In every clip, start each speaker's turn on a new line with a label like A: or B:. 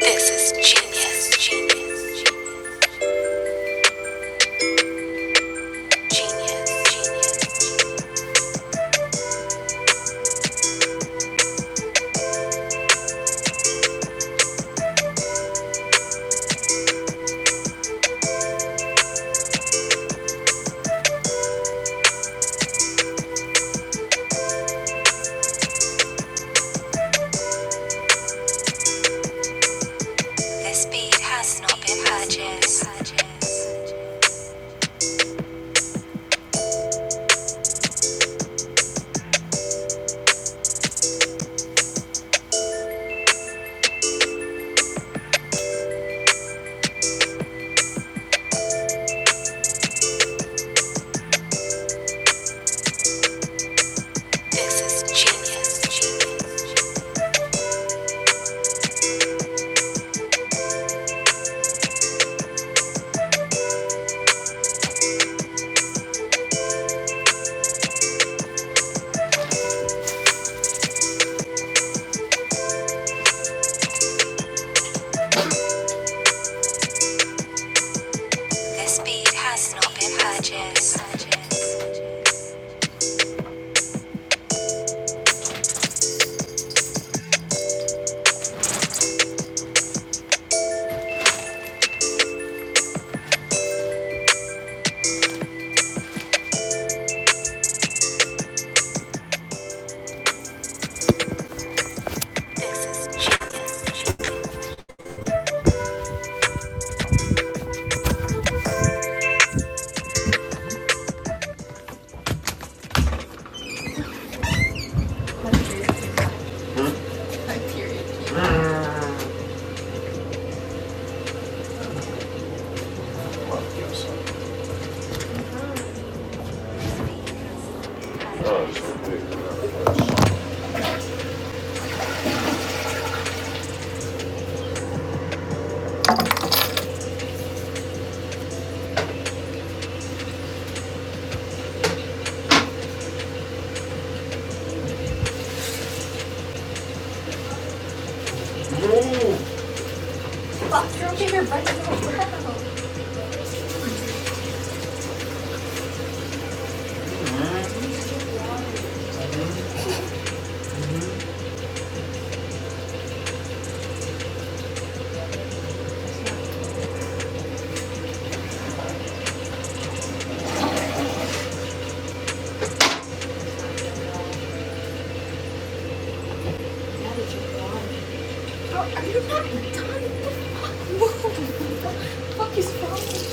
A: This is genius, genius, genius, genius. This beat has not been purchased. This is genius, genius. This beat has not been purchased. This is genius. genius. Bro, are you not in time? What the fuck is wrong?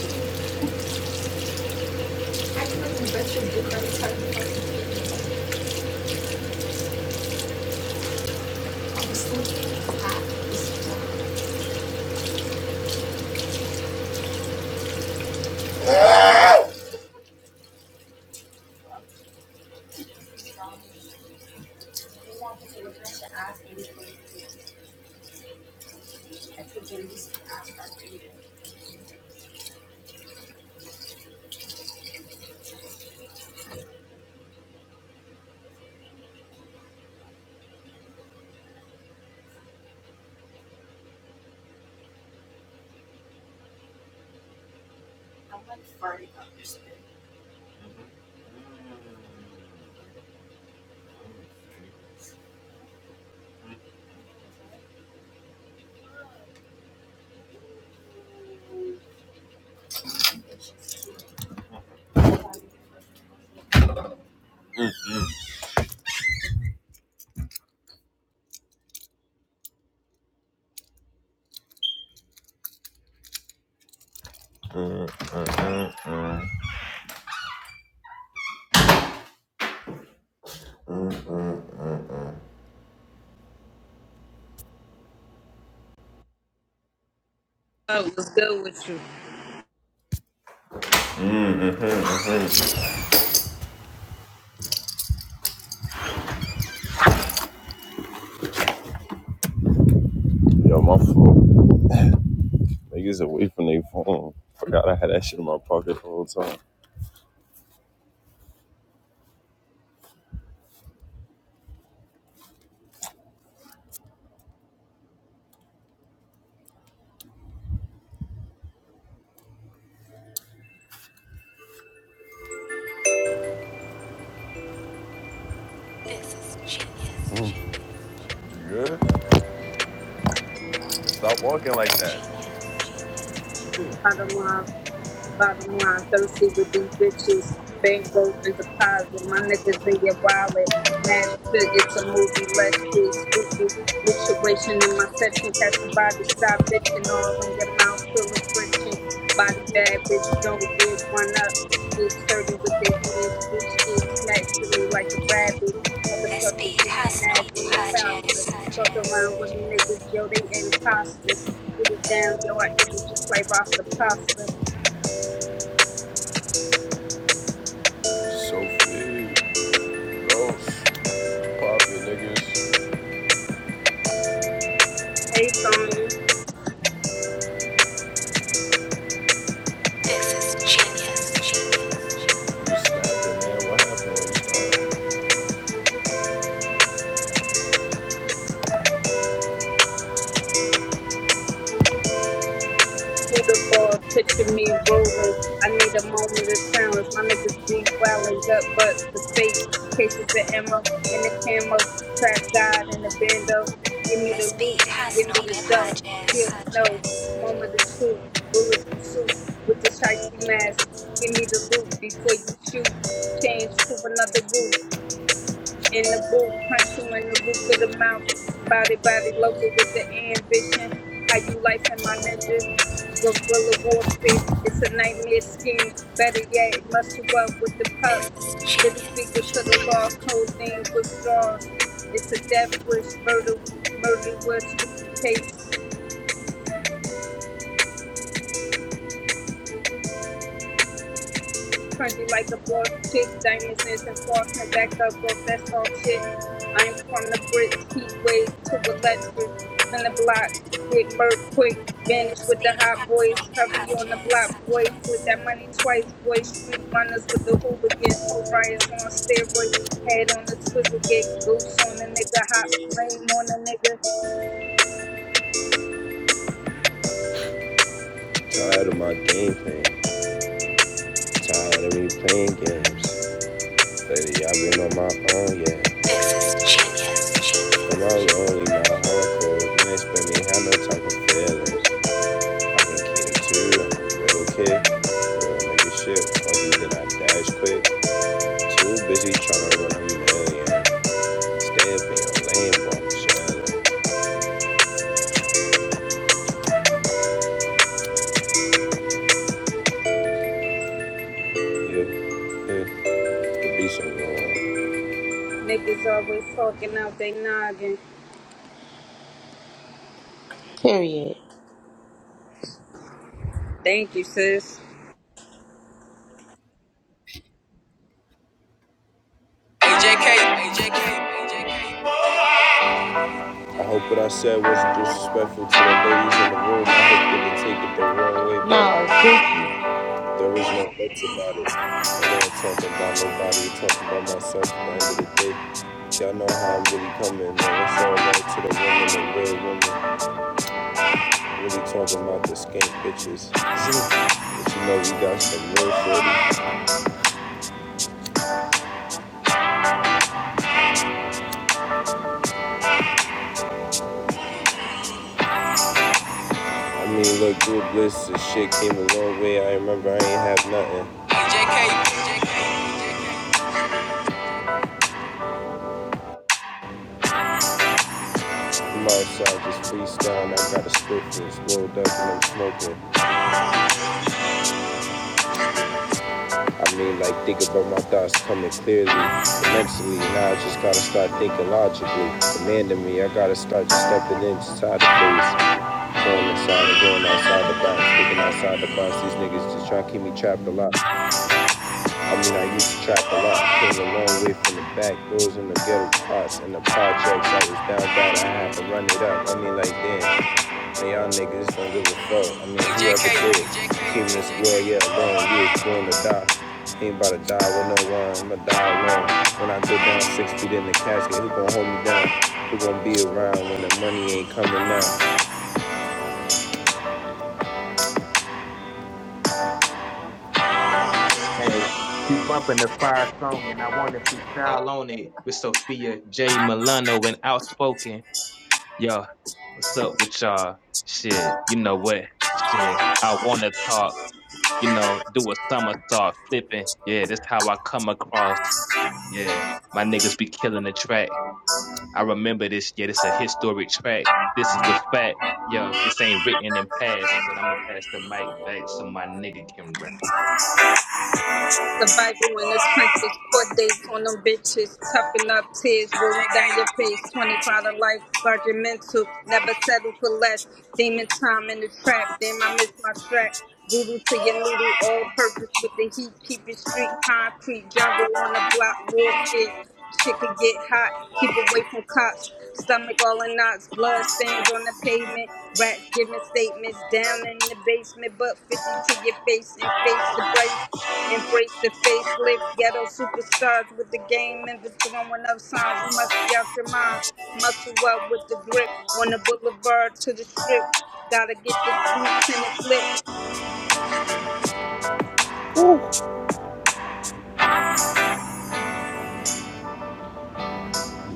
A: I can only bet your dick every time you fucking hit me. I'm sleeping. Ah, it's- Yo, my fault. Niggas away from their phone. Forgot I had that shit in my pocket the whole time. This is Mm. genius. Mm. You good? Stop walking like that. This beat has no budgets. Sophie, gross, poppy niggas. This is genius. You snapping, man? What happened? This beat has no budgets. This is genius. This beat has no budgets. Tired of my game plan. Tired of me playing games. Lately, I've been on my own, yeah. I'm all lonely, my heart cold. You ain't spend me have no time for feelings. I've been kidding too, I'm a little kid. Real nigga shit, only that I dash quick. Too busy trying to run a million. Stay up in your lane, boy, I'm chilling. Yeah, yeah, the beats are going.
B: Period.
A: A J K, A J K, A J K. I hope what I said wasn't disrespectful to the ladies in the room. I hope they didn't take it the wrong way,
B: No,
A: but
B: it's Gucci.
A: there was no buts about it. I ain't talking about nobody, I'm talking about myself at the end of the day. Y'all know how I'm really coming, man. It's all right to the women, the real women. Really talking about the skank bitches. But you know we got some real forty. I mean, look, good bliss and shit came a long way. I remember I ain't have nothing. J K, J K, J K. Marshall just freestyling, I got a scriptures, rolled up and I'm smoking. I mean, like, think about my thoughts coming clearly, mentally, Now I just gotta start thinking logically. Demanding me, I gotta start just stepping inside the place. Going inside and going outside the box, thinking outside the box. These niggas just trying to keep me trapped a lot. I mean, I used to trap a lot. Came a long way from the back doors and the ghetto parts and the projects. I was down bad. I had to run it up. I mean, like, damn. Man, y'all niggas don't give a fuck. I mean, whoever did, keeping this world, yeah, alone. You was born to die. Ain't about to die with no one. I'ma die alone. When I go down six feet in the casket, who gon' hold me down? Who gon' be around when the money ain't coming out?
C: Hey, you bumping the fire song, and I want to freestyle on it with Sophia J. Milano and Outspoken. Yo, what's up with y'all? Shit, you know what? Shit, I want to talk, you know, do a somersault flipping. Yeah, that's how I come across. Yeah, my niggas be killing the track. I remember this. Yeah, this a historic track. This is the fact. Yo, this ain't written in past, but I'm going to pass the mic back so my nigga can rap.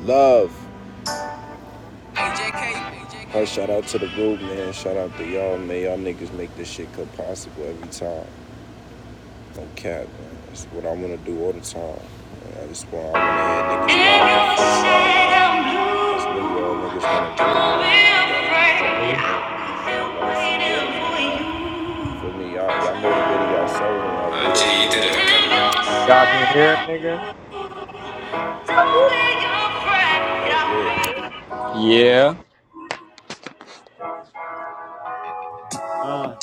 A: Love. Hey, shout out to the group, man. Shout out to y'all, man. Y'all niggas make this shit come possible every time. No cap, man. That's what I wanna do all the time. Man. I just want, to have niggas That's what y'all
D: Hey.
A: niggas wanna do, man. For me, y'all, y'all motivated y'all real, man.
D: Y'all can hear it, nigga?
A: Y'all real.
D: Yeah. Uh,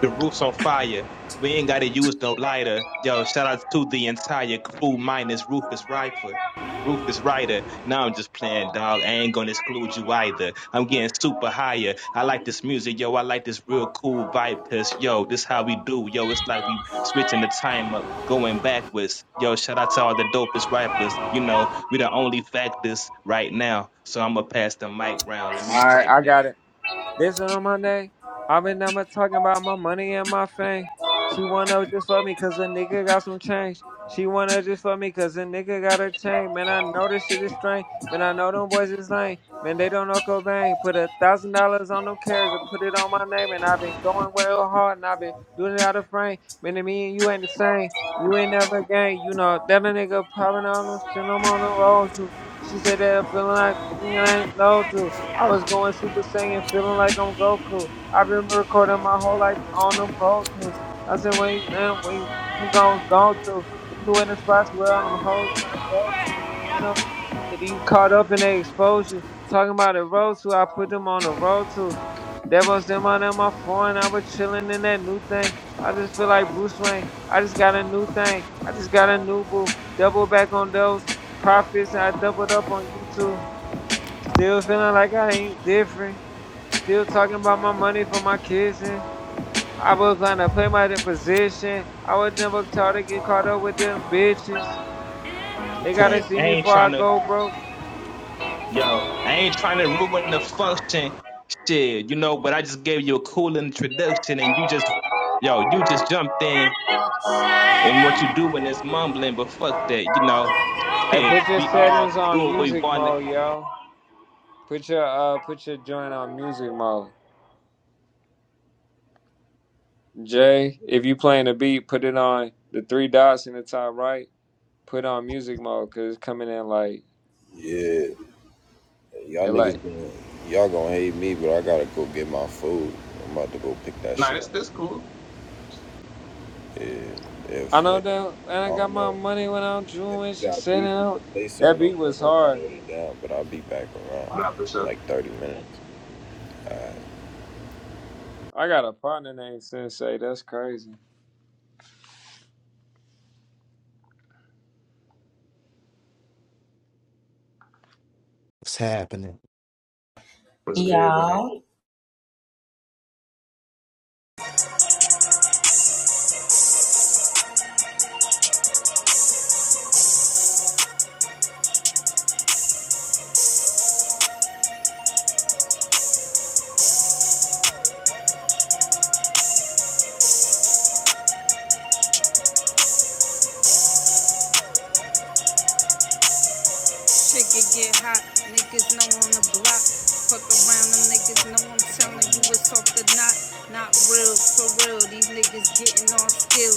C: The roof's on fire. We ain't gotta use no lighter. Yo, shout out to the entire crew minus Rufus Rifer. Rufus Ryder. Now I'm just playing, dog. I ain't gonna exclude you either. I'm getting super higher. I like this music, yo. I like this real cool vibe, cause yo, this how we do. Yo, it's like we switching the time up, going backwards. Yo, shout out to all the dopest rappers. You know, we the only factors right now. So I'ma pass the mic round. Let me
D: Alright,
C: pipe
D: I
C: down.
D: got it. This one on Monday, I have been never talking about my money and my fame. She wanna just fuck me cause a nigga got some change. She wanna just fuck me cause a nigga got a chain. Man, I know this shit is strange. Man, I know them boys is lame. Man, they don't know Cobain. Put a thousand dollars on them carrots and put it on my name. And I've been going real hard and I've been doing it out of frame. Man, and me and you ain't the same. You ain't never gang. You know, that a nigga popping on them shit. I'm on the
A: Thank you.
D: road too. She said that I'm feeling like I ain't low too. I was going Super Saiyan, feeling like I'm Goku. I've been recording my whole life on them Pro Tools. I said, wait, now, wait, who goes go to? You in the spots where all them hoes gonna go to? And up, if you caught up in their exposure, talking about the road to, I put them on the road to. That was them on my phone. I was chilling in that new thing. I just feel like Bruce Wayne. I just got a new thing. I just got a new boo. Double back on those profits. I doubled up on YouTube. Still feeling like I ain't different. Still talking about my money for my kids. And I was gonna play my de- position. I was never taught to get caught up with them bitches. They gotta
C: Okay.
D: see
C: I
D: me
C: ain't
D: before I
C: tryna.
D: go broke.
C: Yo, I ain't trying to ruin the function shit, you know, but I just gave you a cool introduction and you just, yo, you just jumped in and what you doing is mumbling, but fuck that, you know.
D: Hey, put your
C: we all
D: settings on
C: doing what we
D: music
C: want. to.
D: mode, yo. Put your uh, put your joint on music mode. Jay, if you playing a beat, put it on the three dots in the top right. Put on music mode, cause it's coming in like,
A: Yeah, y'all
D: it like
A: niggas, gonna- y'all gonna hate me, but I gotta go get my food. I'm about to go pick that
C: Nah,
A: shit up.
C: it's, it's cool.
A: Yeah, if
D: I
A: I
D: know that, and I
A: don't
D: got my
A: know.
D: money when I'm
A: If
D: chewing.
A: you
D: She
A: got
D: said
A: beat,
D: it.
A: you can
D: out.
A: play
D: That
A: something
D: beat
A: over.
D: was
A: Hold all the
D: hard.
A: way down, but I'll be back around in like 30 minutes.
D: I got a partner named Sensei. That's crazy.
E: What's happening?
C: It's
B: Yeah.
F: Shit could get hot, niggas know on the block. Fuck around them niggas,
C: cool.
F: know I'm telling you it's off the knot. Not real, for real, these niggas getting on skill.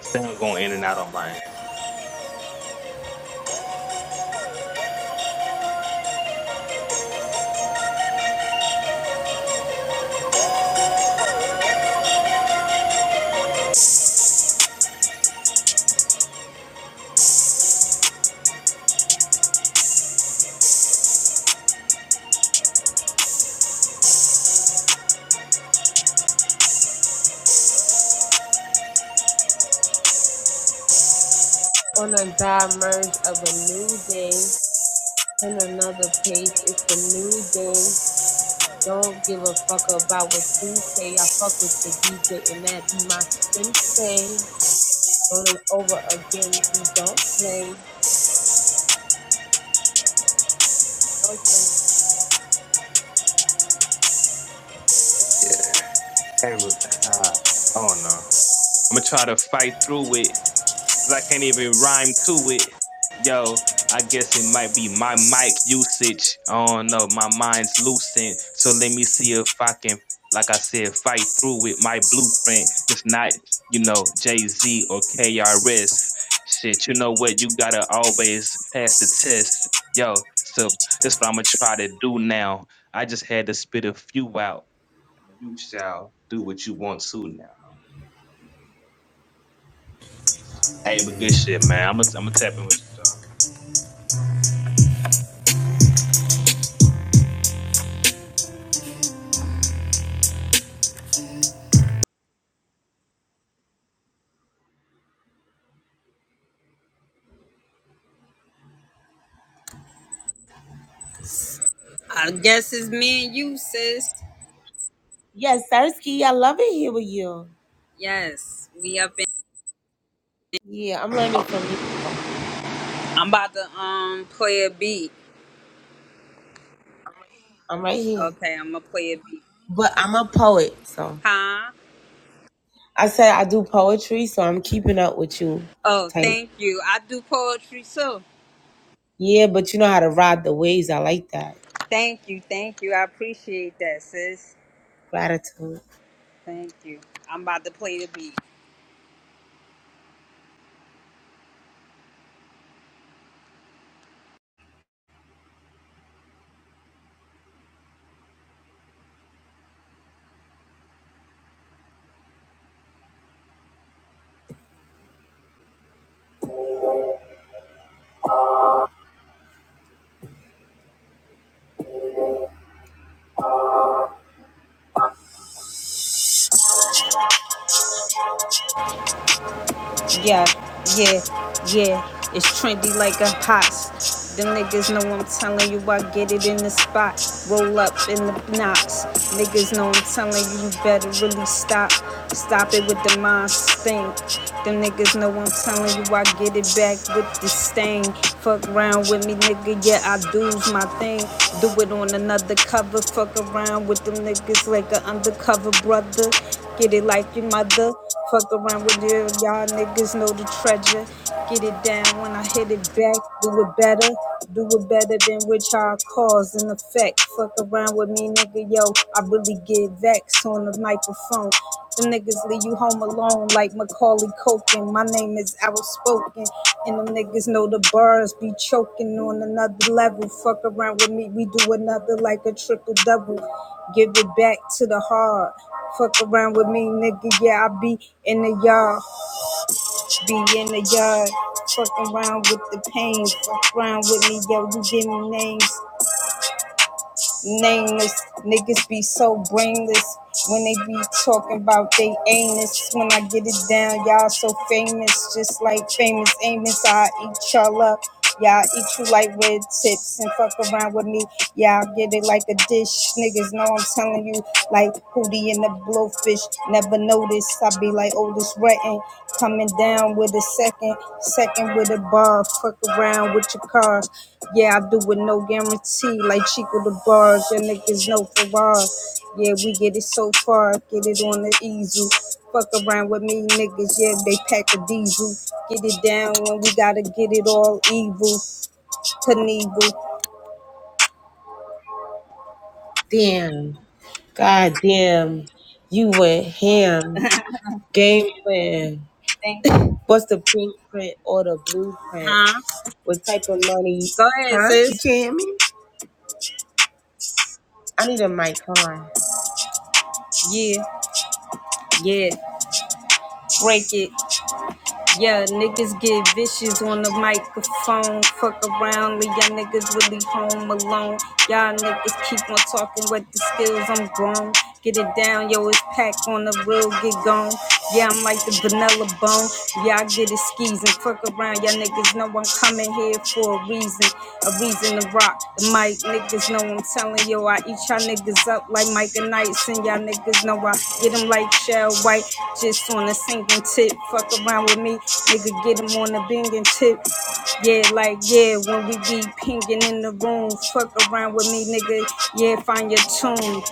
C: Sound going in and out on my end.
B: On a merge of a new day, on another page, it's a new day. Don't give a fuck about what you say. I fuck with the DJ and that be my sensei. Run it over again, we don't play. No sense.
C: Yeah. Hey, look, uh, I don't know. I'm gonna try to fight through it 'cause I can't even rhyme to it. Yo, I guess it might be my mic usage. I don't know. My mind's loosened. So let me see if I can, like I said, fight through with my blueprint. It's not, you know, Jay Z or KRS. Shit, you know what? You gotta always pass the test. Yo, so that's what I'm gonna try to do now. I just had to spit a few out. You shall do what you want to now. Hey, but good shit, man. I'm gonna I'm gonna tap in with you.
F: I guess it's me and you, sis.
B: Yes, Sarsky, I love it here with you.
F: Yes, we up in.
B: Yeah, I'm learning from you.
F: I'm about to um play a beat.
B: I'm right here.
F: Okay, I'm gonna play a beat.
B: But I'm a poet, so
F: Huh?
B: I said I do poetry, so I'm keeping up with you
F: Oh,
B: type.
F: thank you. I do poetry too.
B: Yeah, but you know how to ride the waves. I like that.
F: Thank you, thank you. I appreciate that, sis.
B: Gratitude.
F: Thank you. I'm about to play the beat. Yeah, yeah, yeah. It's trendy like a hot. Them niggas know I'm telling you I get it in the spot. Roll up in the knots. Niggas know I'm telling you you better really stop. Stop it with the mind stink. Them niggas know I'm telling you I get it back with the stain. Fuck around with me, nigga. Yeah, I do's my thing. Do it on another cover. Fuck around with them niggas like an undercover brother. Get it like your mother. Fuck around with you, y'all niggas know the treasure. Get it down when I hit it back.
B: Damn. God damn. You went ham. Game plan.
F: Thank you.
B: What's the pink print or the blueprint?
F: Huh?
B: What type of money?
F: Go ahead,
B: Huh? You can't
F: sis.
B: hear me? I need a mic. Hold on.
F: Yeah, yeah, break it. Yeah, niggas get vicious on the microphone. Fuck around, leave y'all niggas really home alone. Y'all niggas keep on talking with the skills, I'm grown. Get it down, yo, it's packed on the real, get gone. Yeah, I'm like the vanilla bone. Yeah, I get it skis and fuck around. Y'all niggas know I'm coming here for a reason. a reason to rock the mic. Niggas know I'm telling you, I eat y'all niggas up like Mike and Nights, and y'all niggas know I get them like Shell White, just on a sinking tip. Fuck around with me, nigga, Get them on a binging tip. Yeah, like, yeah, when we be pinging in the room, fuck around with me, nigga, yeah, find your tune.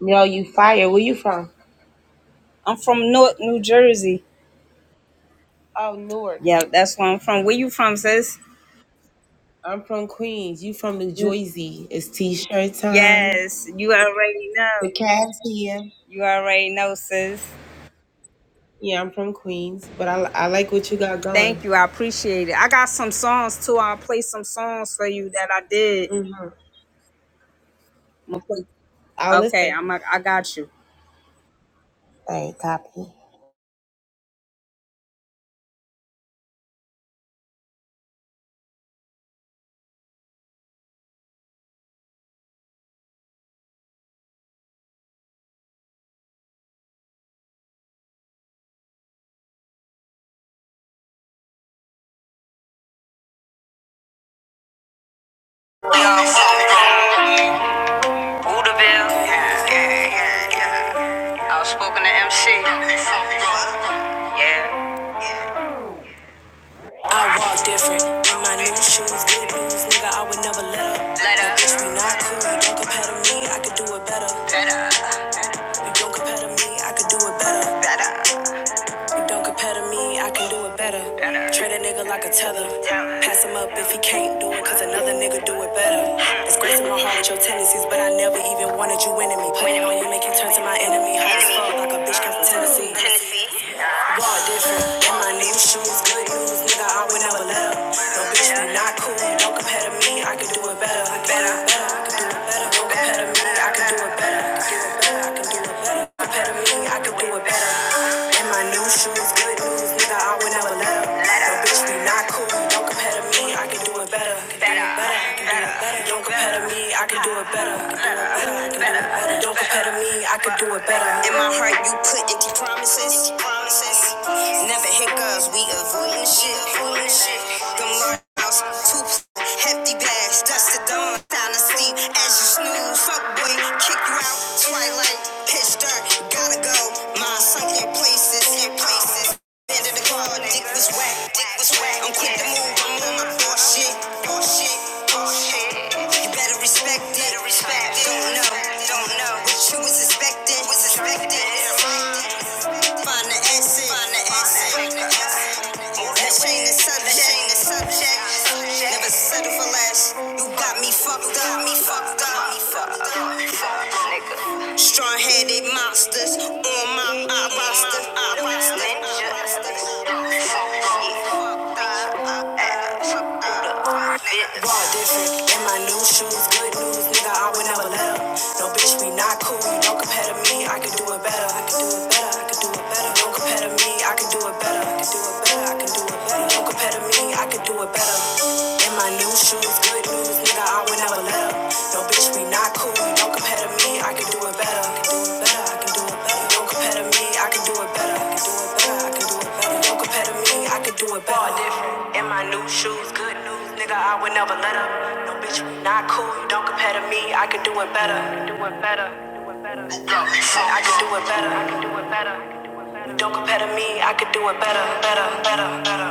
B: Yo, you fire. Where you from?
F: I'm from North New Jersey.
B: Oh, Newark.
F: Yeah, that's where I'm from. Where you from, sis?
B: I'm from Queens. You from New Jersey. It's t-shirt time.
F: Yes, you already know.
B: The cat's here.
F: You already know, sis.
B: Yeah, I'm from Queens, but I, I like what you got
F: Thank
B: going.
F: you. I appreciate it. I got some songs too. I'll play some songs for you that I did.
B: hmm
F: I'ma play-
B: I'll
F: Okay,
B: listen.
F: I'm a, I got you.
B: Alright, copy.
F: Udaville. Yeah, yeah, yeah, yeah. Outspoken to MC. Yeah. I walk different in my new shoes. Good news, nigga. I would never let up. Let up. Bitch, we not cool. You don't compare to me. I could do it better. You don't compare to me. I could do it better. You don't compare to me, I can do it better. Better. Treat a nigga like a tether. Pass him up if he can't do it, cause another nigga do it better. Disgracing my heart with your tendencies, but I never even wanted you winning me. Playing on you, make you turn to my enemy. Hard as fuck, like a bitch comes from Tennessee. Walk different. In my new shoes, good news, nigga, I would never let up. No bitch, you not cool. Don't compare to me, I can do it better. Better, better, I can do it better. Don't compare to me, I can do it better. I can do it better, I can do it better. Compare to me, I can do it better. In my new shoes, good news, nigga, I would never let up. No bitch, you not cool. Don't compare to me, I can do it better. Better, better, I can do it better. Don't compare to me, I can do it do it better. Don't compare to me, I could do it better. In my heart, you put empty promises. Never hiccups, we avoiding shit. Avoiding shit. Them house, two hefty bags, dust to dawn, down to sleep as you snooze. Fuck boy, kick you out. Twilight, pitch dark, gotta go. My sunken places, places. Bend in the car, dick was whack, dick was whack. I'm quick to move, you better respect it, Don't know, don't know what you was expecting, Find the essence, find the subject, Never settle for less. You got me fucked up, Strong-headed monsters on my roster, roster. Walk different in my new shoes. Good news, nigga, I would never let up. No bitch, we not cool. You don't compare to me. I can do it better. I can do it better. I can do it better. Don't compare to me. I can do it better. I can do it better. I can do it better. Don't compare to me. I can do it better. In my new shoes, good news, nigga, I would never an hour later. No, bitch, we not cool. You don't compare to me, I can do it better. I can do it better. I can do it better. You don't compare to me, I can do it better. I can do it better. I can do it better. You don't compare to me, I can do it better. All different. In my new shoes, good news, nigga, I would never let up. No, bitch, we not cool. You don't compare to me, I can do it better. I can do it better. I can do it better. Got me I can do it better. I can do it better. I can do it better. don't compare to me, I can do it better, better, better, better.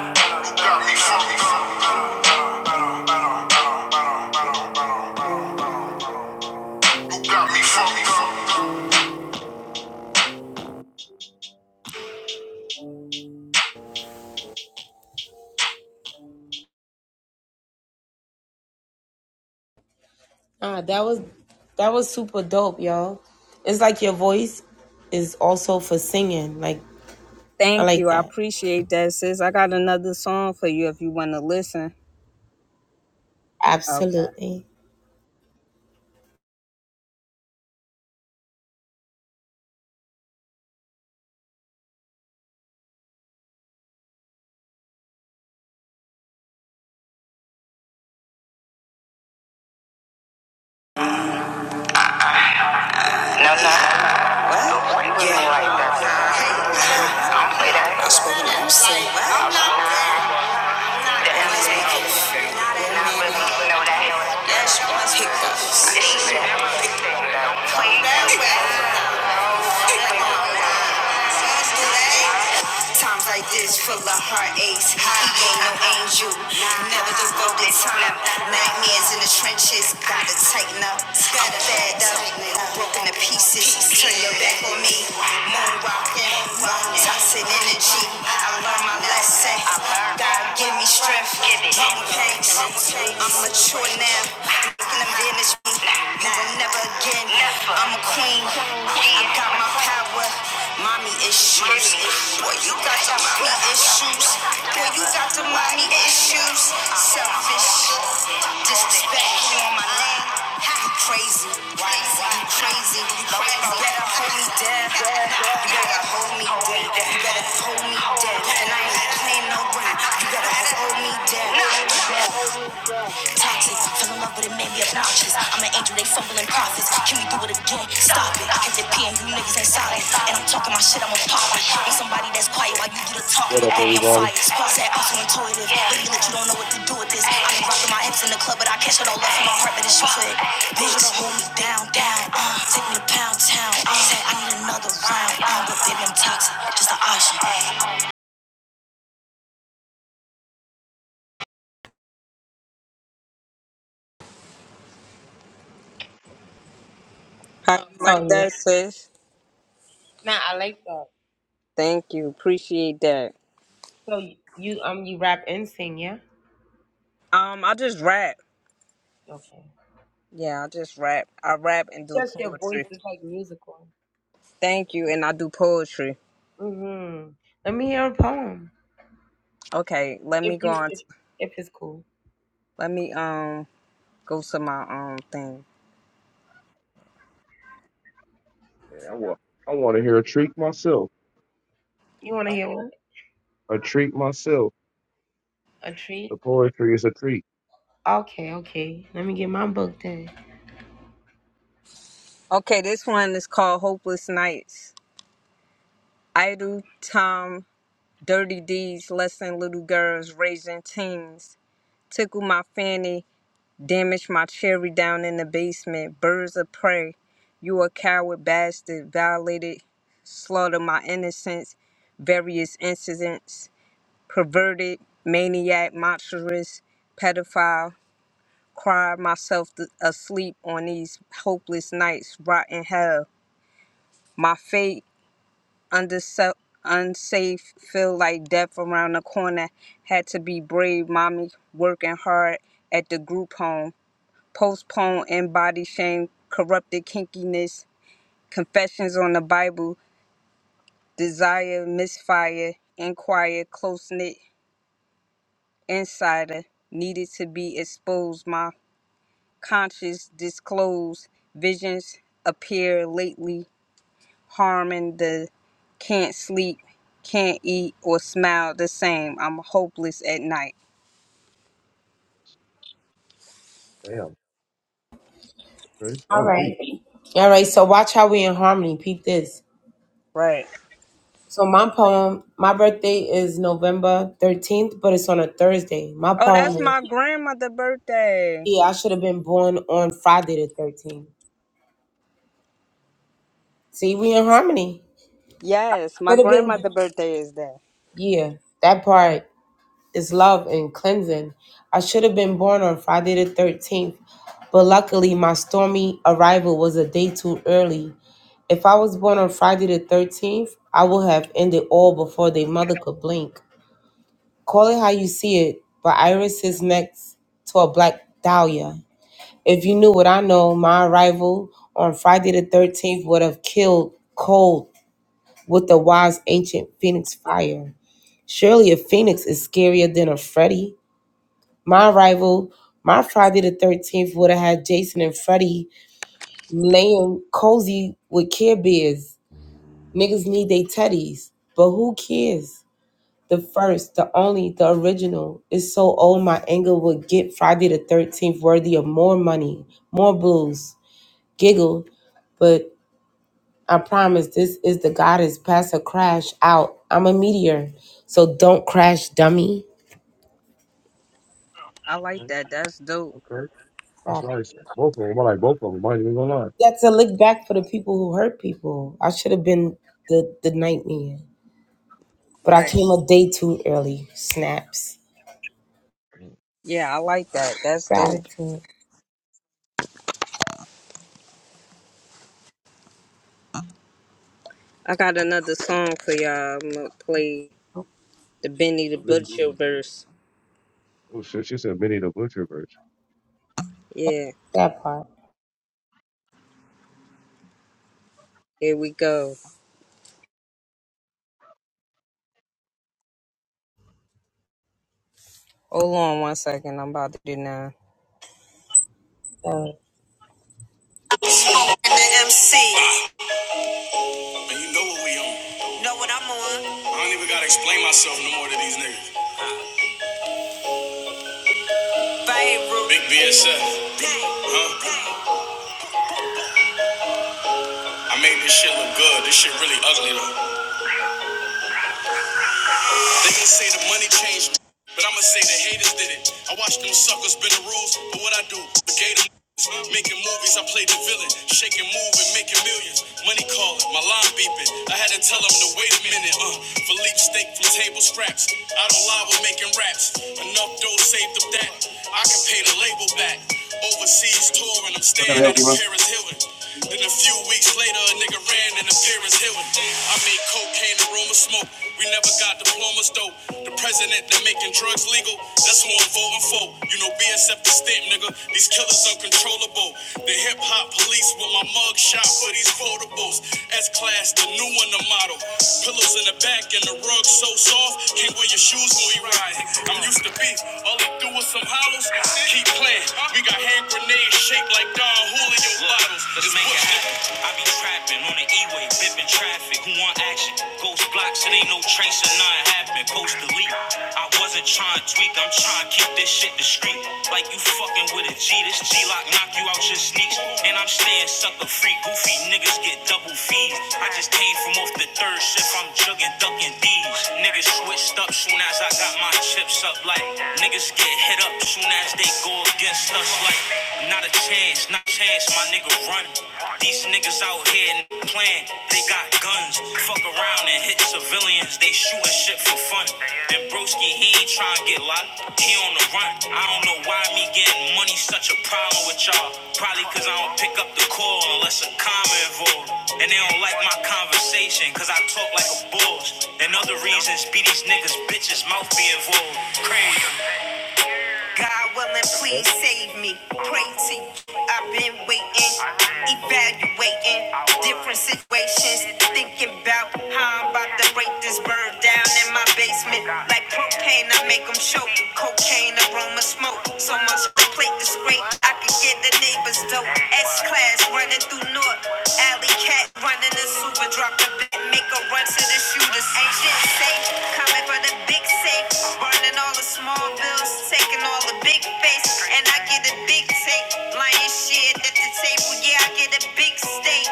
B: Ah, that was that was super dope, y'all. It's like your voice is also for singing. Like I
F: Thank
B: like
F: you. I
B: that.
F: appreciate that, sis. I got another song for you if you want to listen. Okay.
B: Absolutely.
F: No, no. What? You wasn't like that. Don't play that. That's what I'm Well, no. no, pickups. Pickups. Times like this, full of heartaches. I ain't no angel, never devoted time. Nightmares in the trenches, gotta tighten up. I'm fed up, broken to pieces. Turn your back on me, moon rocking, toxic energy. I learned my lesson. God give me strength, long pains. I'm mature now, looking them damage never again. I'm a queen. I got my power mommy issues. Boy, you got the mommy issues. Boy, you got the mommy issues. Selfish, disrespectful on my name. You crazy, you crazy. you better hold me down. You better hold me down. You better hold me down. And I ain't playing no round. You better hold me down. Toxic, fell in love with a man, we obnoxious. I'm an angel, they fumbling prophets. Can we do it again? Stop it. Cause it peeing, you niggas ain't solid. And I'm talking my shit, I'm a pop it. somebody that's quiet while you do the talking,
G: What
F: but
G: up,
F: baby, I'm
G: everybody?
F: fired. Squad said I'm so intuitive. Really let you don't know what to do with this. I be rocking my hips in the club, but I catch it all up in my heart, but it's you for it. Bitch, hold me down, down. Uh, take me to pound town. Uh, said I need another round. Uh, but baby, I'm toxic, just an option. How you like
B: Oh yeah.
F: that, sis?
B: Nah, I like that.
F: Thank you. Appreciate that.
B: So y- you um you rap and sing, yeah?
F: Um, I just rap.
B: Okay.
F: Yeah, I just rap. I rap and do
B: Just your voice
F: poetry.
B: is like musical.
F: Thank you, and I do poetry.
B: Mm Mhm. Let me hear a poem.
F: Okay, let
B: If
F: me go
B: you
F: on.
B: if,
F: t-
B: if it's cool.
F: let me um go to my um thing.
G: Yeah, I want, I want to hear a treat myself.
B: You wanna hear one?
G: A treat myself.
B: A treat?
G: The poetry is a treat.
B: Okay, okay. Let me get my book then.
F: Okay, this one is called Hopeless Nights. Idle time, dirty deeds, lessing little girls, raising teens. Tickle my fanny, damage my cherry down in the basement. Birds of prey, you a coward bastard, violated, slaughter my innocence. Various incidents. perverted, maniac, monstrous, pedophile, cry myself th- asleep on these hopeless nights, rotten hell. My fate, underse- unsafe, feel like death around the corner. Had to be brave, mommy, working hard at the group home. Postpone and body shame, corrupted kinkiness, confessions on the Bible, desire, misfire, inquire, close knit, insider, needed to be exposed. My conscious disclosed visions appear lately harming the can't sleep can't eat or smile the same i'm hopeless at night
G: Damn. Okay. That
B: All
G: was
B: right.
G: deep.
B: All right, so watch how we in harmony. Peep this.
F: Right.
B: So my poem, my birthday is November 13th, but it's on a Thursday. My
F: oh
B: poem
F: that's
B: is,
F: my grandmother birthday
B: yeah, I should have been born on Friday the 13th. See, we in harmony.
F: yes my
B: Should have been,
F: grandmother birthday is that
B: yeah, that part is love and cleansing. I should have been born on Friday the 13th, but luckily my stormy arrival was a day too early. If I was born on Friday the 13th, I would have ended all before they mother could blink. Call it how you see it, but Iris is next to a black dahlia. If you knew what I know, my arrival on Friday the 13th would have killed cold with the wise ancient phoenix fire. Surely a phoenix is scarier than a Freddy. My arrival, my Friday the 13th would have had Jason and Freddy laying cozy with Care Bears. Niggas need they teddies, but who cares? The first, the only, the original is so old my anger would get Friday the 13th worthy of more money, more blues. Giggle, but I promise this is the goddess past a crash out. I'm a meteor, so don't crash, dummy.
F: i like
G: Okay.
F: that that's dope
G: Okay. That's
B: Fuck.
G: nice. Both of them. I like both of them. I ain't even gonna lie.
B: That's a lick back for the people who hurt people. I should have been the, the nightmare, but I
F: Right.
B: came a day too early. Snaps.
F: yeah i like that that's dope
B: Gratitude.
F: i got another song for y'all i'm gonna play the benny the butcher verse
G: Oh shit, she said Minnie the Butcher verse.
F: yeah
B: That part.
F: here we go hold on one second i'm about to do now And the MC. And you know what we on. Know what I'm on? I don't even gotta explain myself no more to these niggas. Beirut. Big BSF, huh? I made this shit look good. This shit really ugly though. They gon' say the money changed, but I'ma say the haters did it. I watched them suckers bend the rules, but what I do, the gator. Making movies, I play the villain, shaking, moving, making millions. Money calling, my line beeping. I had to tell them to wait a minute. Uh, Philippe steak from table scraps. I don't lie with making raps. Enough dough saved up that I can pay the label back. Overseas touring, I'm
G: How can I
F: staying at
G: help
F: a
G: you, man?
F: Paris Hilton. Then a few weeks later, a nigga ran in appearance Hilton. I made cocaine, the room of smoke. We never got diplomas though. The president that making drugs legal, that's who I'm voting for. You know BSF the stamp, nigga. These killers uncontrollable. The hip hop police with my mug shit. Shop for these foldables. S class, the new one, the model. Pillows in the back and the rug so soft. Can't wear your shoes when we ride. I'm used to beef. All they do is some hollows. Keep playing. We got hand grenades shaped like Don Julio bottles. It's Bush. I be trapping on the E-way, bipping traffic. Who want action? Ghost blocks, it ain't no trace of none happen. Post delete. I wasn't trying to tweak, I'm trying to keep this shit discreet. Like you fucking with a G, this G-lock knock you out your sneaks. And I'm staying sucker free, goofy niggas get double fees. I just came from off the third shift, I'm jugging, ducking D's. Niggas switched up soon as I got my chips up. Like niggas get hit up soon as they go against us. Like not a chance, not a chance, my nigga run. These niggas out here playing, they got guns. Fuck around and hit civilians, they shooting shit for fun. And broski, he ain't trying to get locked, he on the run. I don't know why me getting money such a problem with y'all. Probably cause I don't pick up the call unless a comment involved. And they don't like my conversation cause I talk like a boss. And other reasons be these niggas bitches mouth be involved. Crazy. God willing,
G: Okay.
F: please save me. Pray to you. I've been waiting, evaluating different situations, thinking about how I'm about to break this bird down in my basement. Like propane, I make them choke. Cocaine, aroma, smoke. So much my plate is great. I can get the neighbors dope. S class running through North. Alley cat running the super drop the bit. Make a run to the shooters. Ain't shit safe. Coming for the big safe. Burning all the small bills. Taking all all a big face, and I get a big take. Lion shit at the table, yeah, I get a big steak.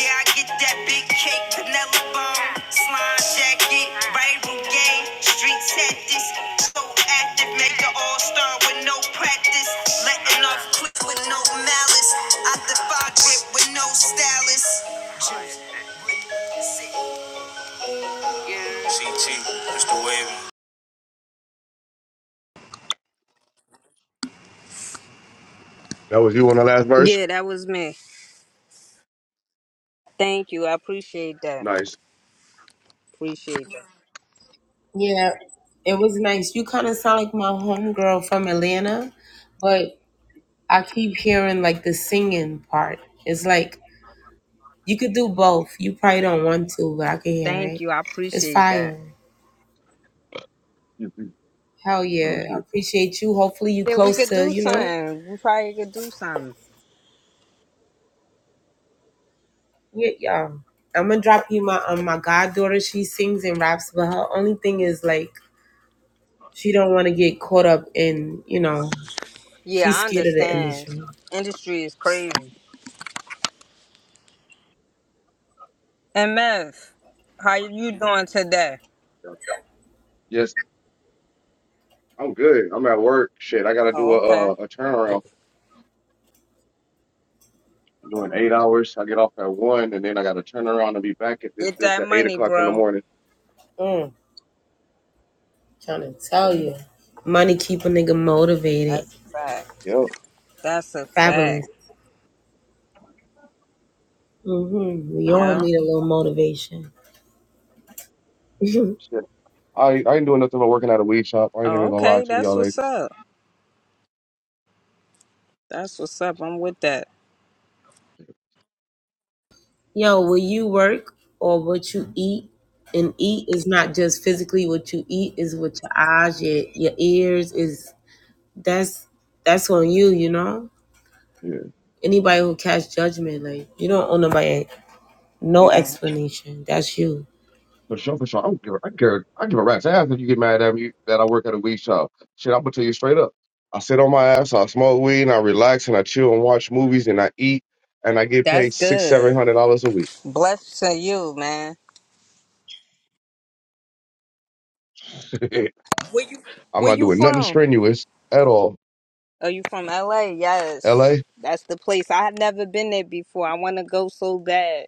F: Yeah, I get that big cake, vanilla bone, slime jacket, rival game, street tactics. So active, make an all star with no practice. Letting off quick with no malice. I defy drip with no stylist. CT, Mr. Wavy.
G: That was you on the last verse.
F: Yeah, that was me. Thank you. I appreciate that.
G: Nice.
F: Appreciate that.
B: Yeah, it was nice. You kind of sound like my homegirl from Atlanta, but I keep hearing like the singing part. It's like you could do both. You probably don't want to, but I can hear
F: Thank
B: it.
F: you. I
B: It's
F: appreciate that.
B: fire.
G: Mhm.
B: Hell
G: Oh
B: yeah. I
G: shit.
B: appreciate you. Hopefully you
F: Yeah, we
B: close
F: could
B: to,
F: do
B: you know,
F: something. We probably could do something.
B: yeah, y'all. I'm gonna drop you my um my goddaughter. She sings and raps, but her only thing is like she don't want to get caught up in, you know,
F: Yeah,
B: she's
F: I
B: scared of the
F: understand.
B: industry.
F: Industry is crazy. MF, how you doing today?
G: Yeah. Yes, I'm good. I'm at work. Shit, I gotta do
F: Oh, okay.
G: a uh a turnaround. I'm doing eight hours. I get off at one, and then I gotta turn around and be back at this
F: Get
G: bitch
F: that
G: at eight
F: money,
G: o'clock in the
F: bro.
G: morning.
B: Mm. Trying to tell you. Money keep a nigga motivated.
F: That's a fact.
G: Yeah.
F: That's a fact.
B: Fabulous. hmm We all
F: Yeah.
B: need a little motivation. Yo,
G: Shit. I, I ain't doing nothing but working at a weed shop. I ain't even
F: Oh,
G: gonna lie
F: okay.
G: to
F: That's
G: y'all
F: what's
G: ladies.
F: up. That's what's up. I'm with that.
B: will you work or what you eat? And eat is not just physically what you eat, is what your eyes, your, your ears is that's that's on you, you know?
G: Yeah.
B: Anybody who casts judgment, like you don't owe nobody no explanation. That's you.
G: For sure, for sure. I don't give a, I care, I give a rat's ass if you get mad at me that I work at a weed shop. Shit, I'm gonna tell you straight up. I sit on my ass, I smoke weed, and I relax, and I chill and watch movies, and I eat, and I get paid
F: That's
G: six, seven
F: good.
G: hundred dollars a week.
F: Bless to you, man.
G: I'm
F: Where
G: not
F: you
G: doing nothing
F: from?
G: strenuous at all.
F: Are you from LA? Yes.
G: L.A.
F: That's the place. I had never been there before. I want to go so bad.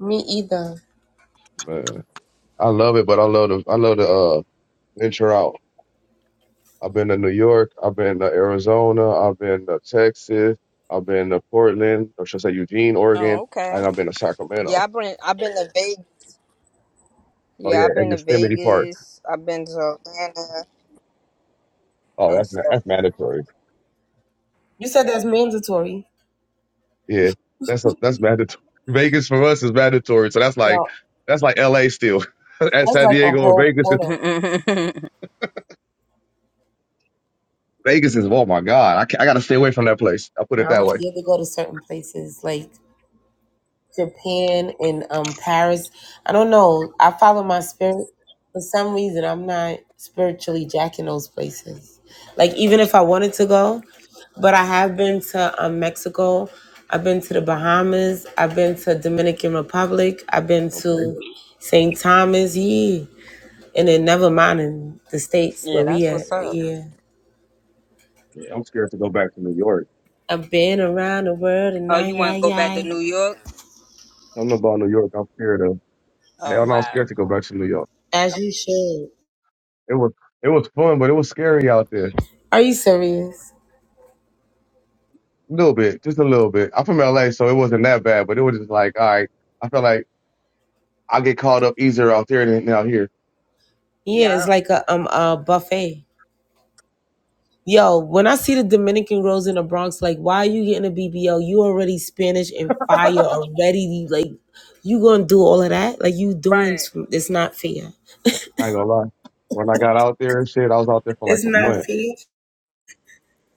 B: Me either.
G: Man, I love it, but I love the I love the uh, venture out. I've been to New York. I've been to Arizona. I've been to Texas. I've been to Portland, or should I say Eugene,
F: Oh,
G: Oregon,
F: okay.
G: and I've been to Sacramento.
F: Yeah, I've been I've been to Vegas.
G: Oh
F: Yeah,
G: yeah,
F: I've
G: and
F: been to
G: Yosemite Park.
F: Vegas. I've been to Atlanta
G: Oh,
F: and
G: that's ma-
F: stuff.
G: that's mandatory.
B: You said that's mandatory.
G: Yeah, that's a, that's mandatory. Vegas for us is mandatory, so that's like
B: Yo,
G: that's like L.A. still. At
B: that's
G: San
B: like a
G: Diego and
B: whole
G: Vegas, is-
B: quarter.
G: Vegas is oh my god, I ca- I gotta stay away from that place. I'll put it
B: Now
G: that
B: I'm
G: way.
B: scared to go to certain places like Japan and um Paris. I don't know. I follow my spirit. For some reason, I'm not spiritually jacking those places. Like even if I wanted to go, but I have been to um, Mexico. I've been to the Bahamas. I've been to Dominican Republic. I've been
G: Okay,
B: to St. Thomas. Yeah, and then never mind in the states
F: yeah,
B: where we
F: that's
B: at.
F: what's
B: But
F: up.
B: yeah,
G: yeah, I'm scared to go back to New York.
B: I've been around the world and
F: Oh,
B: I,
F: you
B: yeah,
F: want to go back to
B: yeah,
F: New York?
G: I don't know about New York. I'm scared of hell.
F: Oh
G: No, I'm
F: wow.
G: scared to go back to New York.
B: as you should.
G: It was it was fun, but it was scary out there.
B: Are you serious?
G: A little bit, just a little bit. I'm from LA, so it wasn't that bad, but it was just like, all right, I felt like I get caught up easier out there than out here.
B: Yeah, it's
F: Yeah.
B: like a um a buffet. Yo, when I see the Dominican girls in the Bronx, like, why are you getting a BBL? You already Spanish and fire already. You, Like, you gonna do all of that? Like, you doing
F: Right.
B: too? It's not fair.
G: I ain't gonna lie. When I got out there and shit, I was out there for like
B: It's
G: a
B: not
G: month.
B: fair.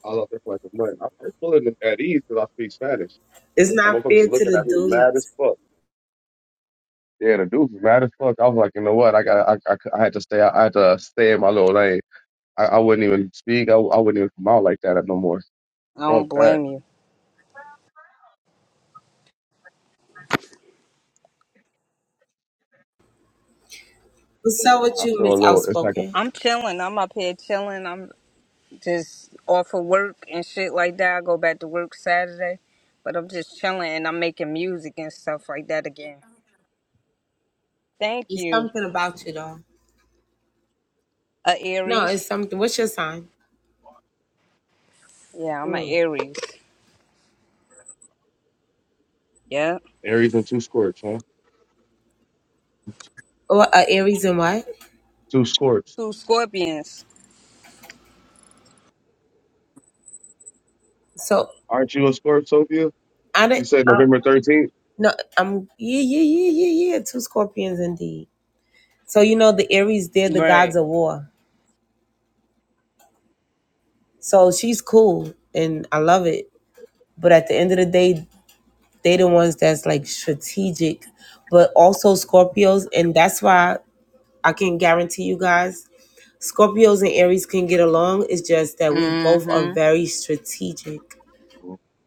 G: I was out there for like a month. I was feeling at ease because I speak Spanish.
B: It's
G: And
B: not
G: motherfuckers was
B: fair to
G: looking
B: the
G: at me mad as
B: dudes.
G: fuck. Yeah, the dude was mad as fuck. I was like, you know what? I got, I, I, cou- I had to stay. I had to stay in my little lane. I, I wouldn't even speak. I, I wouldn't even come out like that no more.
F: I
G: Fuck
F: don't
G: that.
F: blame you.
B: What's up with
G: I
B: you,
G: feel
B: Miss
G: a little. It's like a
B: Outspoken?
F: I'm chilling. I'm up here chilling. I'm just off of work and shit like that. I go back to work Saturday, but I'm just chilling and I'm making music and stuff like that again. Thank
B: It's
F: you.
B: something about you, though.
F: A
B: No, it's
F: Aries.
B: something. What's your sign?
F: Yeah, I'm an
B: Mm.
F: Aries. Yeah.
G: Aries and two scorch, huh?
B: Or uh, Aries and what?
G: Two scorch.
F: Two scorpions.
B: So
G: Aren't you a Scorp, Sophia?
B: I
G: You
B: didn't.
G: said
B: Uh,
G: November 13th?
B: no, I'm yeah, yeah, yeah, yeah, yeah. Two scorpions indeed. So you know the Aries, they're the
F: Right.
B: gods of war. So she's cool and I love it. But at the end of the day, they the ones that's like strategic, but also Scorpios, and that's why I can guarantee you guys, Scorpios and Aries can get along. It's just that we both are
F: Mm-hmm.
B: very strategic.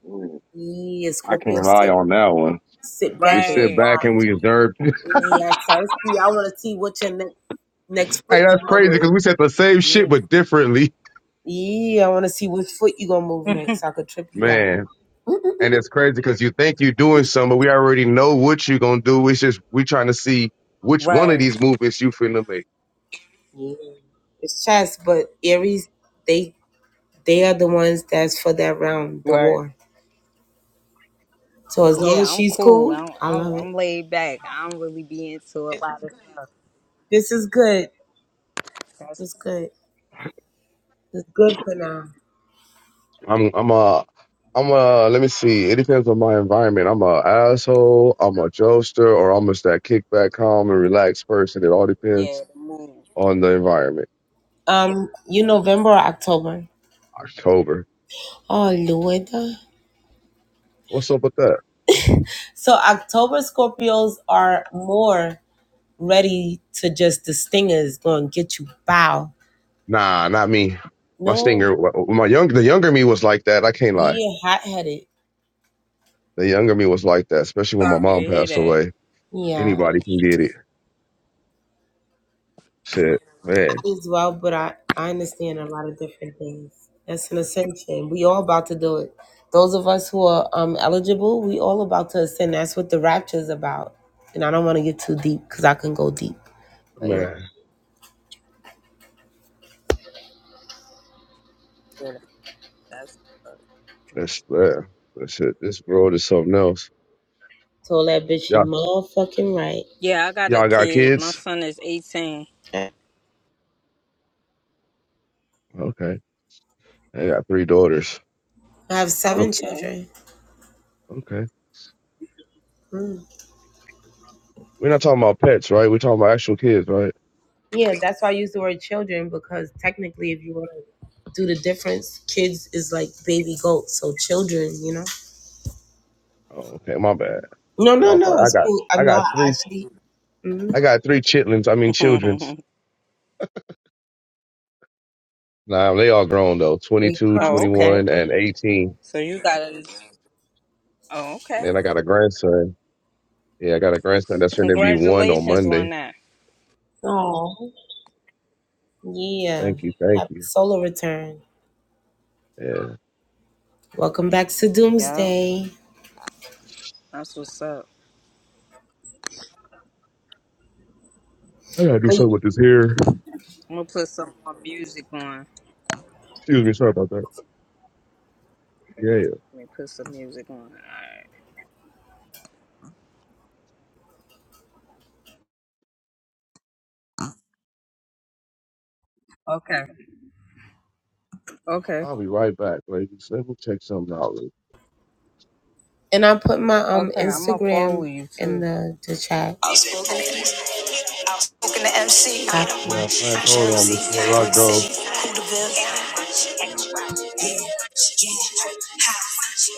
G: Mm,
B: Yeah,
G: I can't
B: Scorpio
G: rely
B: sit
G: on that one.
B: sit
G: We
B: back and
G: sit
F: Right.
G: back and
B: watch.
G: we observe.
B: Yeah, Sarasky, I wanna see what your ne- next foot
G: Hey,
B: you
G: that's
B: gonna
G: crazy because
B: move.
G: we said the same shit,
F: Yeah.
G: but differently.
B: Yeah, I wanna see which foot you gonna move next. I could trip you up.
G: Man. And it's crazy because you think you're doing something, but we already know what you're going to do. It's just we trying to see which one of
F: Right.
G: these movements you finna make.
B: Yeah. It's chess, but Aries, they they are the ones that's for that round, the
F: Right.
B: war. So as long as
F: Yeah, I'm
B: she's
F: cool.
B: cool,
F: I'm,
B: I
F: I'm
B: love
F: I'm
B: it.
F: laid back. I don't really be into a lot of stuff.
B: This is good. It's good. It's good for now.
G: I'm, I'm, uh, am a, let me see. It depends on my environment. I'm a asshole. I'm a jokester, or I'm just that kickback, calm and relaxed person. It all
F: Yeah,
G: depends
F: the move.
G: on the environment.
B: Um, you November or October?
G: October.
B: Oh Lord.
G: What's up with that?
B: So October Scorpios are more ready to just the stingers gonna get you bow.
G: Nah, not me. My
B: No,
G: stinger, my young, the younger me was like that. I can't lie.
B: yeah, hot headed.
G: The younger me was like that, especially when my
F: Sorry
G: mom
F: to hear
G: passed
F: that.
G: away.
B: Yeah.
G: Anybody can get it. Shit, man,
B: as well, but I, I understand a lot of different things. That's an ascension. We all about to do it. Those of us who are um, eligible, we all about to ascend. That's what the rapture is about. And I don't want to get too deep because I can go deep. But yeah,
G: man,
F: Yeah, that's-
G: that's man, that shit. This world is something else.
B: told that bitch she
G: Y'all,
B: motherfucking
F: yeah, I got a
G: y'all got
F: kid. My
G: kids?
F: son is 18.
B: right.
G: Okay, I got three daughters.
B: I have
G: Ugh,
B: seven
F: Oh, okay.
B: children.
G: Okay,
B: Mm.
G: we're not talking about pets, right? We're talking about actual kids, right?
B: Yeah, that's why I use the word children because technically, if you want to do the difference, kids is like baby goats. So children, you know.
G: Oh, okay, my bad,
B: No, no,
G: my bad.
B: no.
G: I
B: It's
G: got,
B: cool.
G: I
B: I'm
G: got
B: not
G: three,
B: actually. mhm.
G: I got three chitlins. I mean, childrens. Nah, they all grown though.
B: A
G: Twenty-two,
B: Crumb
F: oh, okay.
G: 21,
B: Snapper.
G: and 18.
F: So you got a. Oh, okay.
G: And I got a grandson. Yeah, I got a grandson that's going to be one on
F: Congratulations
G: Monday.
F: on that.
B: Oh, yeah.
G: Thank you. Thank
B: Happy
G: you.
B: solar return.
G: Yeah.
B: Welcome back to
F: Yeah.
B: Doomsday.
F: That's what's up.
G: I got to do something
B: But-
G: with this hair.
F: I'm gonna put some more music on.
G: Excuse me. Sorry about that.
F: Okay.
G: Yeah, yeah.
F: Let me put some music on. All right. Okay. Okay.
G: I'll be right back, ladies. Let me check something out. Ladies.
B: And I put my um
F: Okay,
G: Uh,
F: I'm gonna follow
B: Instagram
F: you
B: in
F: too.
B: the, the chat.
F: Outspoken outspoken to MC,
G: Matter
B: Copy.
G: of fact, hold on
F: Jersey,
G: before I
F: Brick
G: go.
F: City, Hooterville.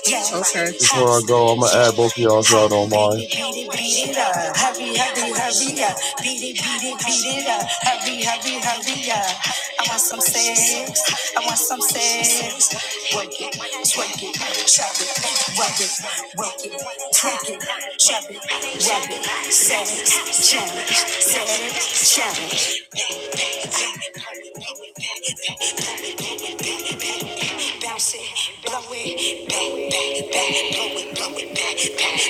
F: Yeah, okay. Ha,
G: Before I go, I'm going
F: yeah,
G: to add both of y'all if
F: ha,
G: y'all don't
F: beat
G: mind.
F: it, beat it, beat it up. Hurry, hurry, hurry up. Beat it, beat it, beat it up. Hurry, hurry, hurry up. I want some sex. I want some sex. Work it, twerk it, chop it, rub it, work it, twerk it, chop it, rub it. Sex, challenge, sex, challenge. Bounce it, blow it, back, back, back, blow it, blow it, back, back,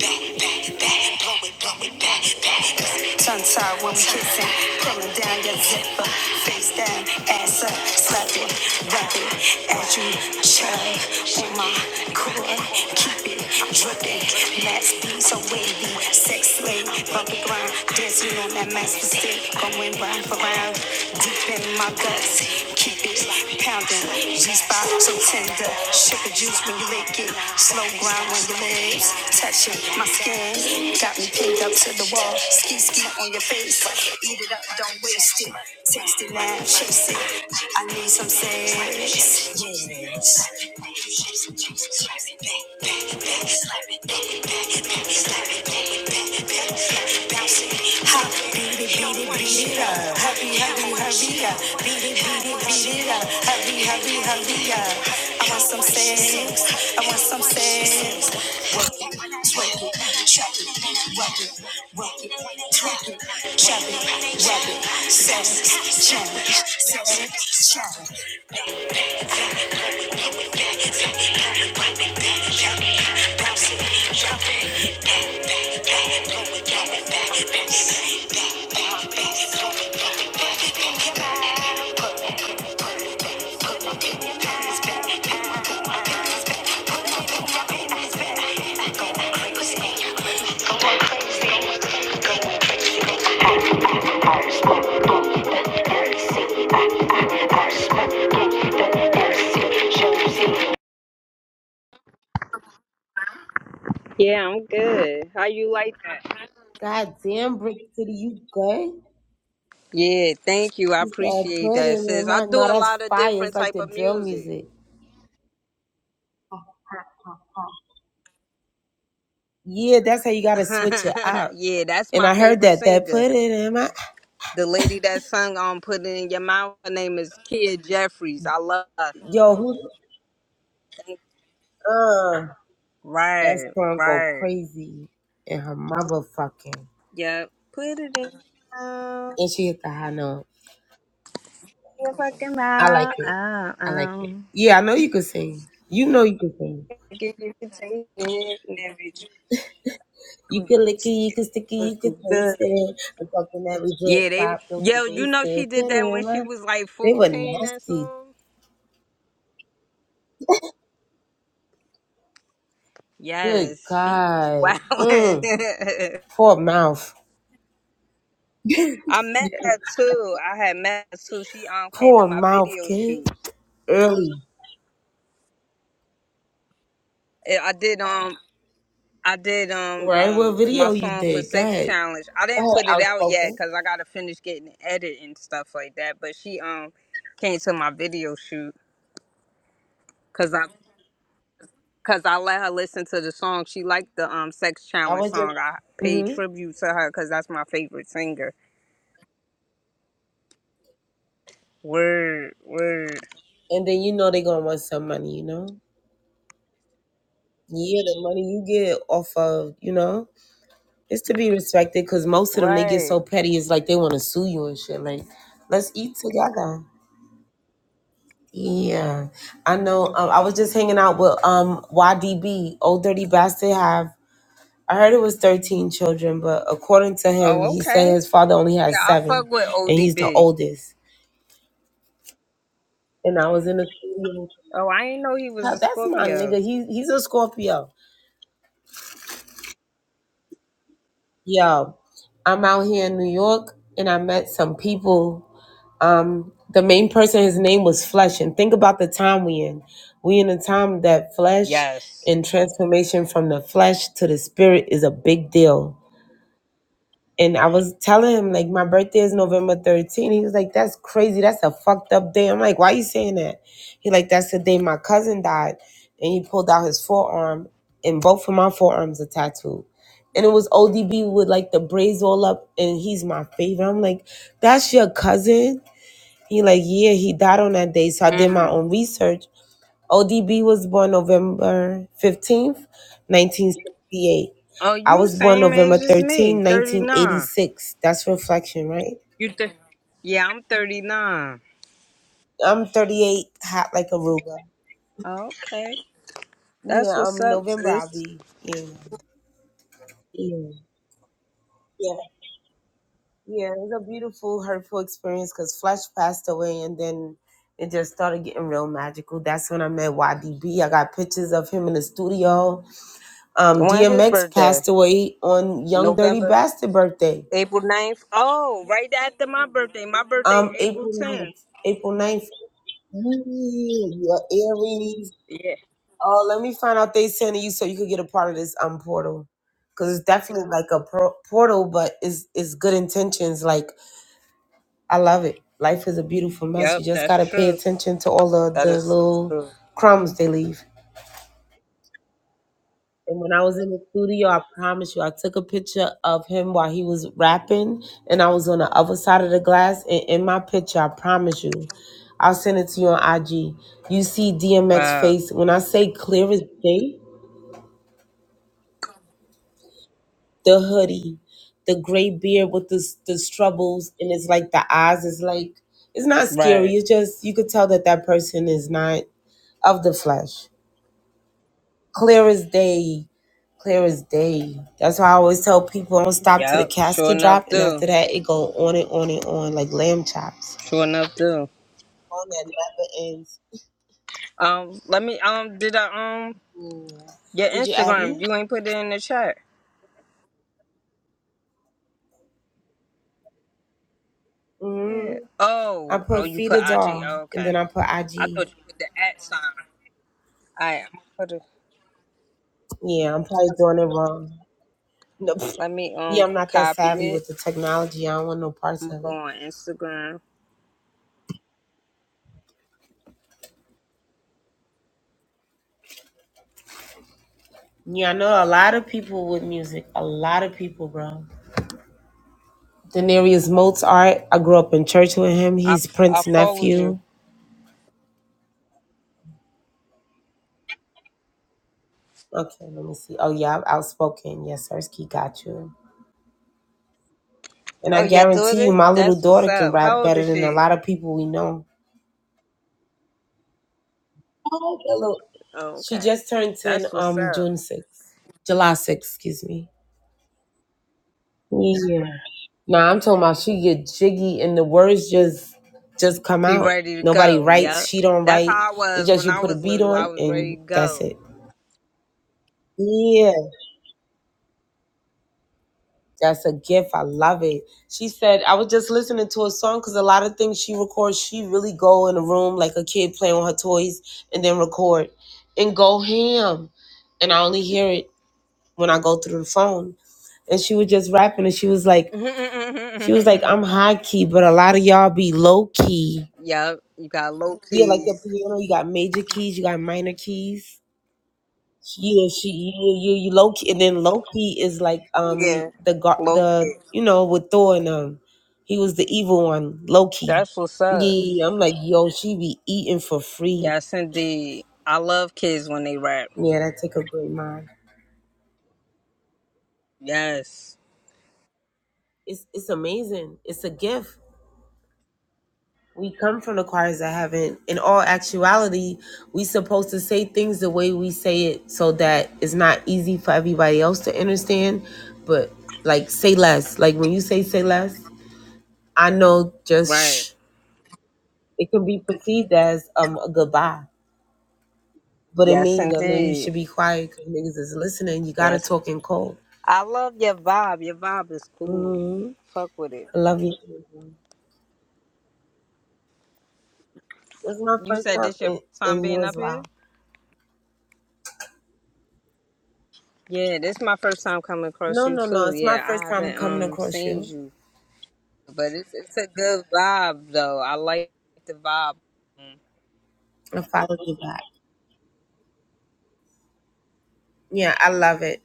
F: back, back, back, blow it, blow it, back, back. Tongue tied when we kissing. Pulling down your zipper. Face down, ass up. Slap it, rub it. As you chug on my cord. Keep it dripping. Let's be so wavy. Sex slave. Bump the ground. Dancing on that master stick. Going round for round. Deep in my guts. Keep it pounding. G-spot so tender. Sugar juice when you lick it. Slow grind when your legs touching my skin. Got me pinned up to the wall. Ski ski on your face. Eat it up, don't waste it. Taste it now, chase it. I need some sex. Yes. I want some sex. I want some sex. Work it, twerk it, chop it, rock it, rock it, twerk it, chop it, rock it, sex, challenge, sex, challenge. Yeah, I'm good. How you like that?
B: God damn, Brick City, you good?
F: Yeah, thank you. I
B: You said
F: appreciate
B: put
F: that,
B: it in
F: sis. I
B: my.
F: do
B: No,
F: a
B: that's
F: lot of
B: fire. It's
F: different
B: like
F: type
B: the
F: of
B: drill
F: music.
B: music. Yeah, that's how you gotta switch it out.
F: yeah, that's
B: And
F: my
B: I heard
F: favorite
B: that that put
F: singer.
B: it in my.
F: The lady that sung on "Put It in Your Mouth," her name is Kia Jeffries. I love her.
B: Yo, who? Uh, that's
F: Right,
B: gonna go
F: right.
B: crazy in her motherfucking.
F: Yep. Put it in your mouth,
B: And she hit the high note.
F: your fucking
B: I like
F: mouth.
B: it.
F: Oh,
B: I like
F: oh.
B: it. Yeah, I know you can sing. You know you can sing.
F: Give you the taste and everything.
B: You can lick it, you can stick it, you can taste it. I'm talking that we
F: Yeah,
B: drip,
F: they
B: pop, don't you
F: yo, you
B: waste
F: know she
B: it.
F: did
B: Put it
F: that when she
B: my.
F: was like
B: They were
F: fourteen. That
B: nasty.
F: song.
B: Good
F: Yes, she was
B: God.
F: wilding.
B: Mm. Poor mouth.
F: I met her too. I had met her too. She um came to
B: Poor
F: my
B: mouth,
F: video
B: kid.
F: shoot.
B: Early.
F: Eh, I did um I did um
B: Right? What
F: um my
B: video you
F: song for
B: did? Go
F: Sex
B: ahead.
F: Challenge. I didn't
B: Go
F: put it out yet
B: outspoken.
F: because I gotta finish getting it edited and stuff like that. But she um came to my video shoot because I Cause I let her listen to the song. She liked the um sex
B: I
F: challenge
B: was just.
F: song. I paid
B: hmm
F: tribute to her because that's my favorite singer. Word, word.
B: And then you know they going to want some money, you know? Yeah, the money you get off of, you know? It's to be respected because most of them they get so
F: Right.
B: petty. It's like they want to sue you and shit. Like, let's eat together. Yeah, I know. Um, I was just hanging out with um YDB, old dirty bastard. Have I heard it was thirteen children, but according to him,
F: Oh,
B: he said
F: okay.
B: his father only
F: Yeah,
B: has
F: I fuck
B: seven,
F: with
B: and he's the
F: ODB.
B: oldest. And I was in the studio.
F: Oh, I ain't know he was
B: Huh,
F: a
B: That's my
F: Scorpio.
B: nigga. He he's a Scorpio. Yo, I'm out here in New York, and I met some people um, the main person, his name was Flesh. And think about the time we in. We in a time that flesh
F: Yes.
B: and transformation from the flesh to the spirit is a big deal. And I was telling him, like, my birthday is November thirteenth. He was like, that's crazy. That's a fucked up day. I'm like, why you saying that? He like, that's the day my cousin died. And he pulled out his forearm, and both of my forearms are tattooed. And it was ODB with like the braids all up, and he's my favorite. I'm like, that's your cousin? He like, yeah, he died on that day. So I did my
F: Mm.
B: own research. ODB was born November 15th, 1968.
F: Oh,
B: I
F: you
B: was born
F: same
B: November
F: age as me,
B: thirteenth,
F: thirty
B: nineteen
F: nine.
B: 1986. That's reflection, right?
F: Yeah, I'm thirty nine.
B: I'm 38, hot like Aruba.
F: Oh, okay. That's
B: Yeah,
F: what's
B: um,
F: up,
B: November I'll
F: sis.
B: be, yeah. Yeah. Yeah, yeah, it was a beautiful, hurtful experience because Flesh passed away, and then it just started getting real magical. That's when I met YDB. I got pictures of him in the studio Um,
F: When's his
B: DMX passed
F: birthday?
B: away on Young Dirty
F: November,
B: Bastard birthday.
F: April ninth. Oh, right after my birthday. My birthday,
B: Um,
F: April
B: April
F: 10th.
B: ninth, April ninth. Mm, Your Aries.
F: Yeah.
B: Oh, let me find out they sending you so you could get a part of this um portal. Cause it's definitely like a pro- portal, but it's it's good intentions. Like I love it. Life is a beautiful mess. You
F: Yep,
B: just
F: that's
B: gotta pay
F: true.
B: attention to all the
F: That
B: the
F: is so
B: little
F: true.
B: crumbs they leave. And when I was in the studio, I promise you, I took a picture of him while he was rapping, and I was on the other side of the glass. And in my picture, I promise you, I'll send it to you on IG. You see DMX
F: Wow.
B: face. When I say clear as day, the hoodie, the gray beard with the the struggles, and it's like the eyes is like it's not scary.
F: Right.
B: It's just you could tell that that person is not of the flesh. clear as day, clear as day. That's why I always tell people don't stop to the
F: Yep. Sure
B: casket
F: enough
B: drop, and
F: do.
B: after that it go on and on and on like lamb chops.
F: Sure enough do.
B: On that never ends.
F: Um, let me um did I um
B: Yeah.
F: your
B: Did you add
F: Instagram,
B: me?
F: you ain't put it in the chat.
B: hmm
F: Yeah.
B: I
F: Oh, oh
B: put
F: you
B: feed
F: put
B: a
F: IG.
B: doll,
F: Oh,
B: and
F: okay.
B: then I put
F: I
B: IG.
F: thought you put the at sign. Alright, I'm gonna put it
B: Yeah, I'm probably doing it wrong. No,
F: let me
B: yeah,
F: um
B: I'm not that
F: copy
B: savvy
F: it.
B: with the technology. I don't want no parts
F: I'm gonna
B: of
F: go
B: it.
F: on Instagram.
B: Yeah, I know a lot of people with music. A lot of people, bro. Denarius Mozart. I grew up in church with him.
F: I,
B: He's
F: f- I
B: Prince's
F: followed
B: nephew.
F: you.
B: Okay, let me see. Oh yeah, I'm outspoken. Yes, Hersky got you. And I
F: Oh, your
B: guarantee you,
F: daughter?
B: my little
F: That's what's
B: daughter can
F: up.
B: rap
F: How old
B: better
F: is
B: than a
F: she?
B: lot of people we know. Oh, That little-
F: Oh,
B: She
F: okay.
B: just turned ten.
F: That's what's
B: Um,
F: up.
B: June sixth, July sixth, excuse me. yeah. Nah, I'm talking about she get jiggy and the words just just come
F: She
B: out.
F: ready to
B: Nobody
F: go.
B: writes.
F: Yep.
B: She don't
F: That's
B: write.
F: how I
B: It's
F: was
B: just
F: when
B: you
F: I
B: put a
F: was
B: beat
F: little. I
B: on
F: was ready
B: and
F: to
B: that's
F: go.
B: it. Yeah. That's a gift. I love it. She said, I was just listening to a song because a lot of things she records, she really go in a room like a kid playing with her toys and then record and go ham. And I only hear it when I go through the phone. And she was just rapping and she was like, she was like, I'm high key, but a lot of y'all be low key.
F: yep. You got low
B: Yeah, like the
F: keys.
B: piano, you got major keys, you got minor keys. Yeah, she you you, you Loki and then Loki is like um
F: Yeah.
B: the gar the you know with Thor and um he was the evil one Loki.
F: That's what's up.
B: Yeah, I'm like yo, she be eating for free.
F: Yes, indeed. I love kids when they rap.
B: Yeah, that take a great mind.
F: Yes.
B: It's it's amazing. It's a gift. We come from the choirs that haven't. In all actuality, we supposed to say things the way we say it, so that it's not easy for everybody else to understand. But like, say less. Like when you say say less, I know just shh.
F: Right.
B: It can be perceived as um, a goodbye, but it
F: Yes,
B: means that maybe you
F: indeed.
B: should be quiet because niggas is listening. You gotta
F: Yes.
B: talk in code.
F: I love your vibe. Your vibe is cool.
B: hmm
F: Fuck with it.
B: I love you. This is my
F: You
B: first
F: said
B: time,
F: this your
B: and,
F: first time
B: and you
F: being
B: as
F: up here?
B: well.
F: Yeah, this is my first time coming across
B: No,
F: you
B: no, no.
F: too.
B: It's my
F: Yeah,
B: first
F: I
B: time
F: haven't
B: coming
F: um
B: across
F: seen
B: you.
F: you. But it's it's a good vibe though. I like the vibe.
B: I followed you back. Yeah, I love it.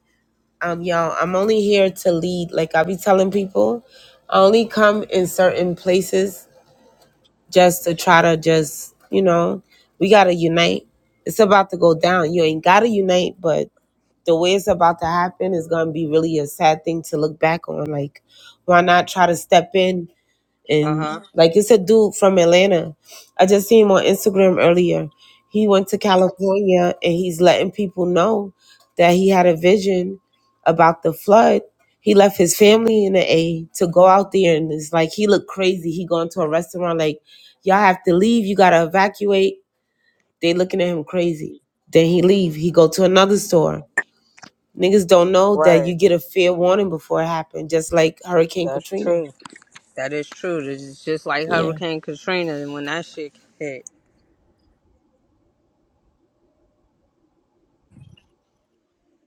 B: Um, y'all, I'm only here to lead. Like I be telling people, I only come in certain places just to try to just, you know, we gotta unite. It's about to go down. You ain't gotta unite, but the way it's about to happen is going to be really a sad thing to look back on. Like, why not try to step in
F: Uh
B: and
F: huh.
B: like it's a dude from Atlanta. I just seen him on Instagram earlier. He went to California and he's letting people know that he had a vision about the flood. He left his family in the A to go out there and it's like he looked crazy. He going to a restaurant like y'all have to leave, you gotta evacuate. They looking at him crazy. Then he leave. He go to another store Niggas don't know that you
F: Right.
B: get a fair warning before it happened, just like Hurricane
F: That's
B: Katrina.
F: true. That is true. It's just like
B: Yeah.
F: Hurricane Katrina and when that shit hit.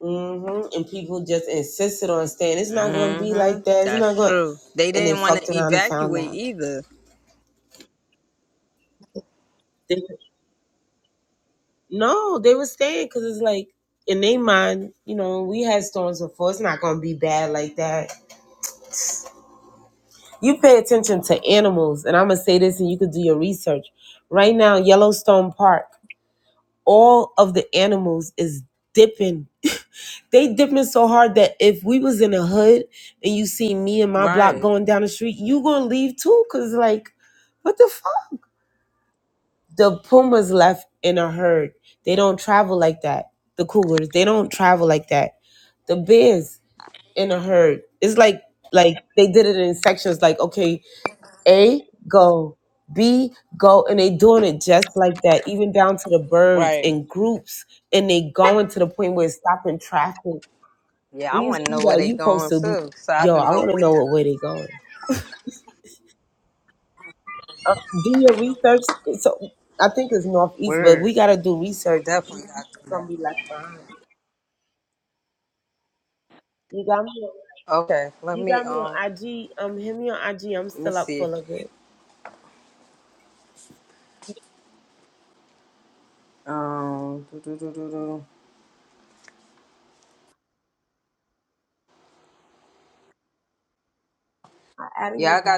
B: hmm And people just insisted on staying. It's not going to be
F: Mm-hmm.
B: like that. It's
F: That's
B: not going.
F: true. They
B: And they
F: didn't want
B: fucked
F: to
B: around and found
F: evacuate
B: out.
F: either.
B: They, no, they were staying because it's like in their mind, you know, we had storms before. It's not going to be bad like that. You pay attention to animals, and I'm gonna say this, and you could do your research. Right now, Yellowstone Park, all of the animals is dipping They dipping so hard that if we was in a hood and you see me and my block
F: Right.
B: going down the street, you gonna leave too, cause like, what the fuck? The pumas left in a herd. They don't travel like that. The cougars, they don't travel like that. The bears in a herd. It's like like they did it in sections. Like okay, A go, B go, and they doing it just like that, even down to the birds
F: Right.
B: in groups, and they going to the point where it's stopping traffic
F: Yeah, I
B: When you see
F: want to know where
B: that,
F: they
B: you supposed
F: going to,
B: to,
F: so I
B: yo,
F: could
B: I
F: go
B: want to
F: with
B: know
F: them.
B: what way they going. Uh, do your research. So I think it's northeast, but we
F: Word.
B: gotta do research. It's
F: Definitely, I could do
B: gonna
F: that.
B: be left behind. You got me. On,
F: Okay, let
B: you
F: me
B: got me
F: um,
B: on IG. Um, hit me on IG. I'm
F: let me
B: still up
F: see.
B: full of it.
F: Um,
B: I added you back.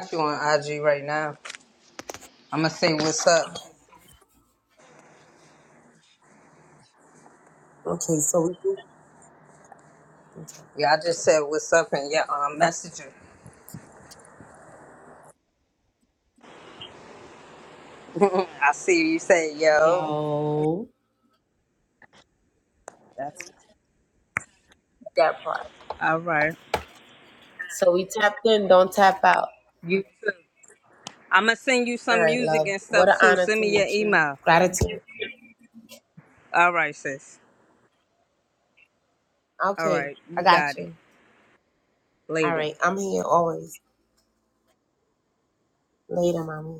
B: Okay, so we do.
F: yeah, I see you. I see you say yo.
B: Yo,
F: That's
B: that part.
F: all right.
B: So we tapped in. Don't tap out.
F: You too. I'm gonna send you
B: All
F: some
B: right,
F: music
B: love.
F: and
B: What an
F: stuff too.
B: honor
F: Send
B: to
F: me your
B: meet you.
F: email.
B: Gratitude.
F: All right, sis. All
B: Okay,
F: right,
B: I
F: you
B: got
F: got it.
B: you. All
F: Later.
B: right, I'm here always. Later, mommy.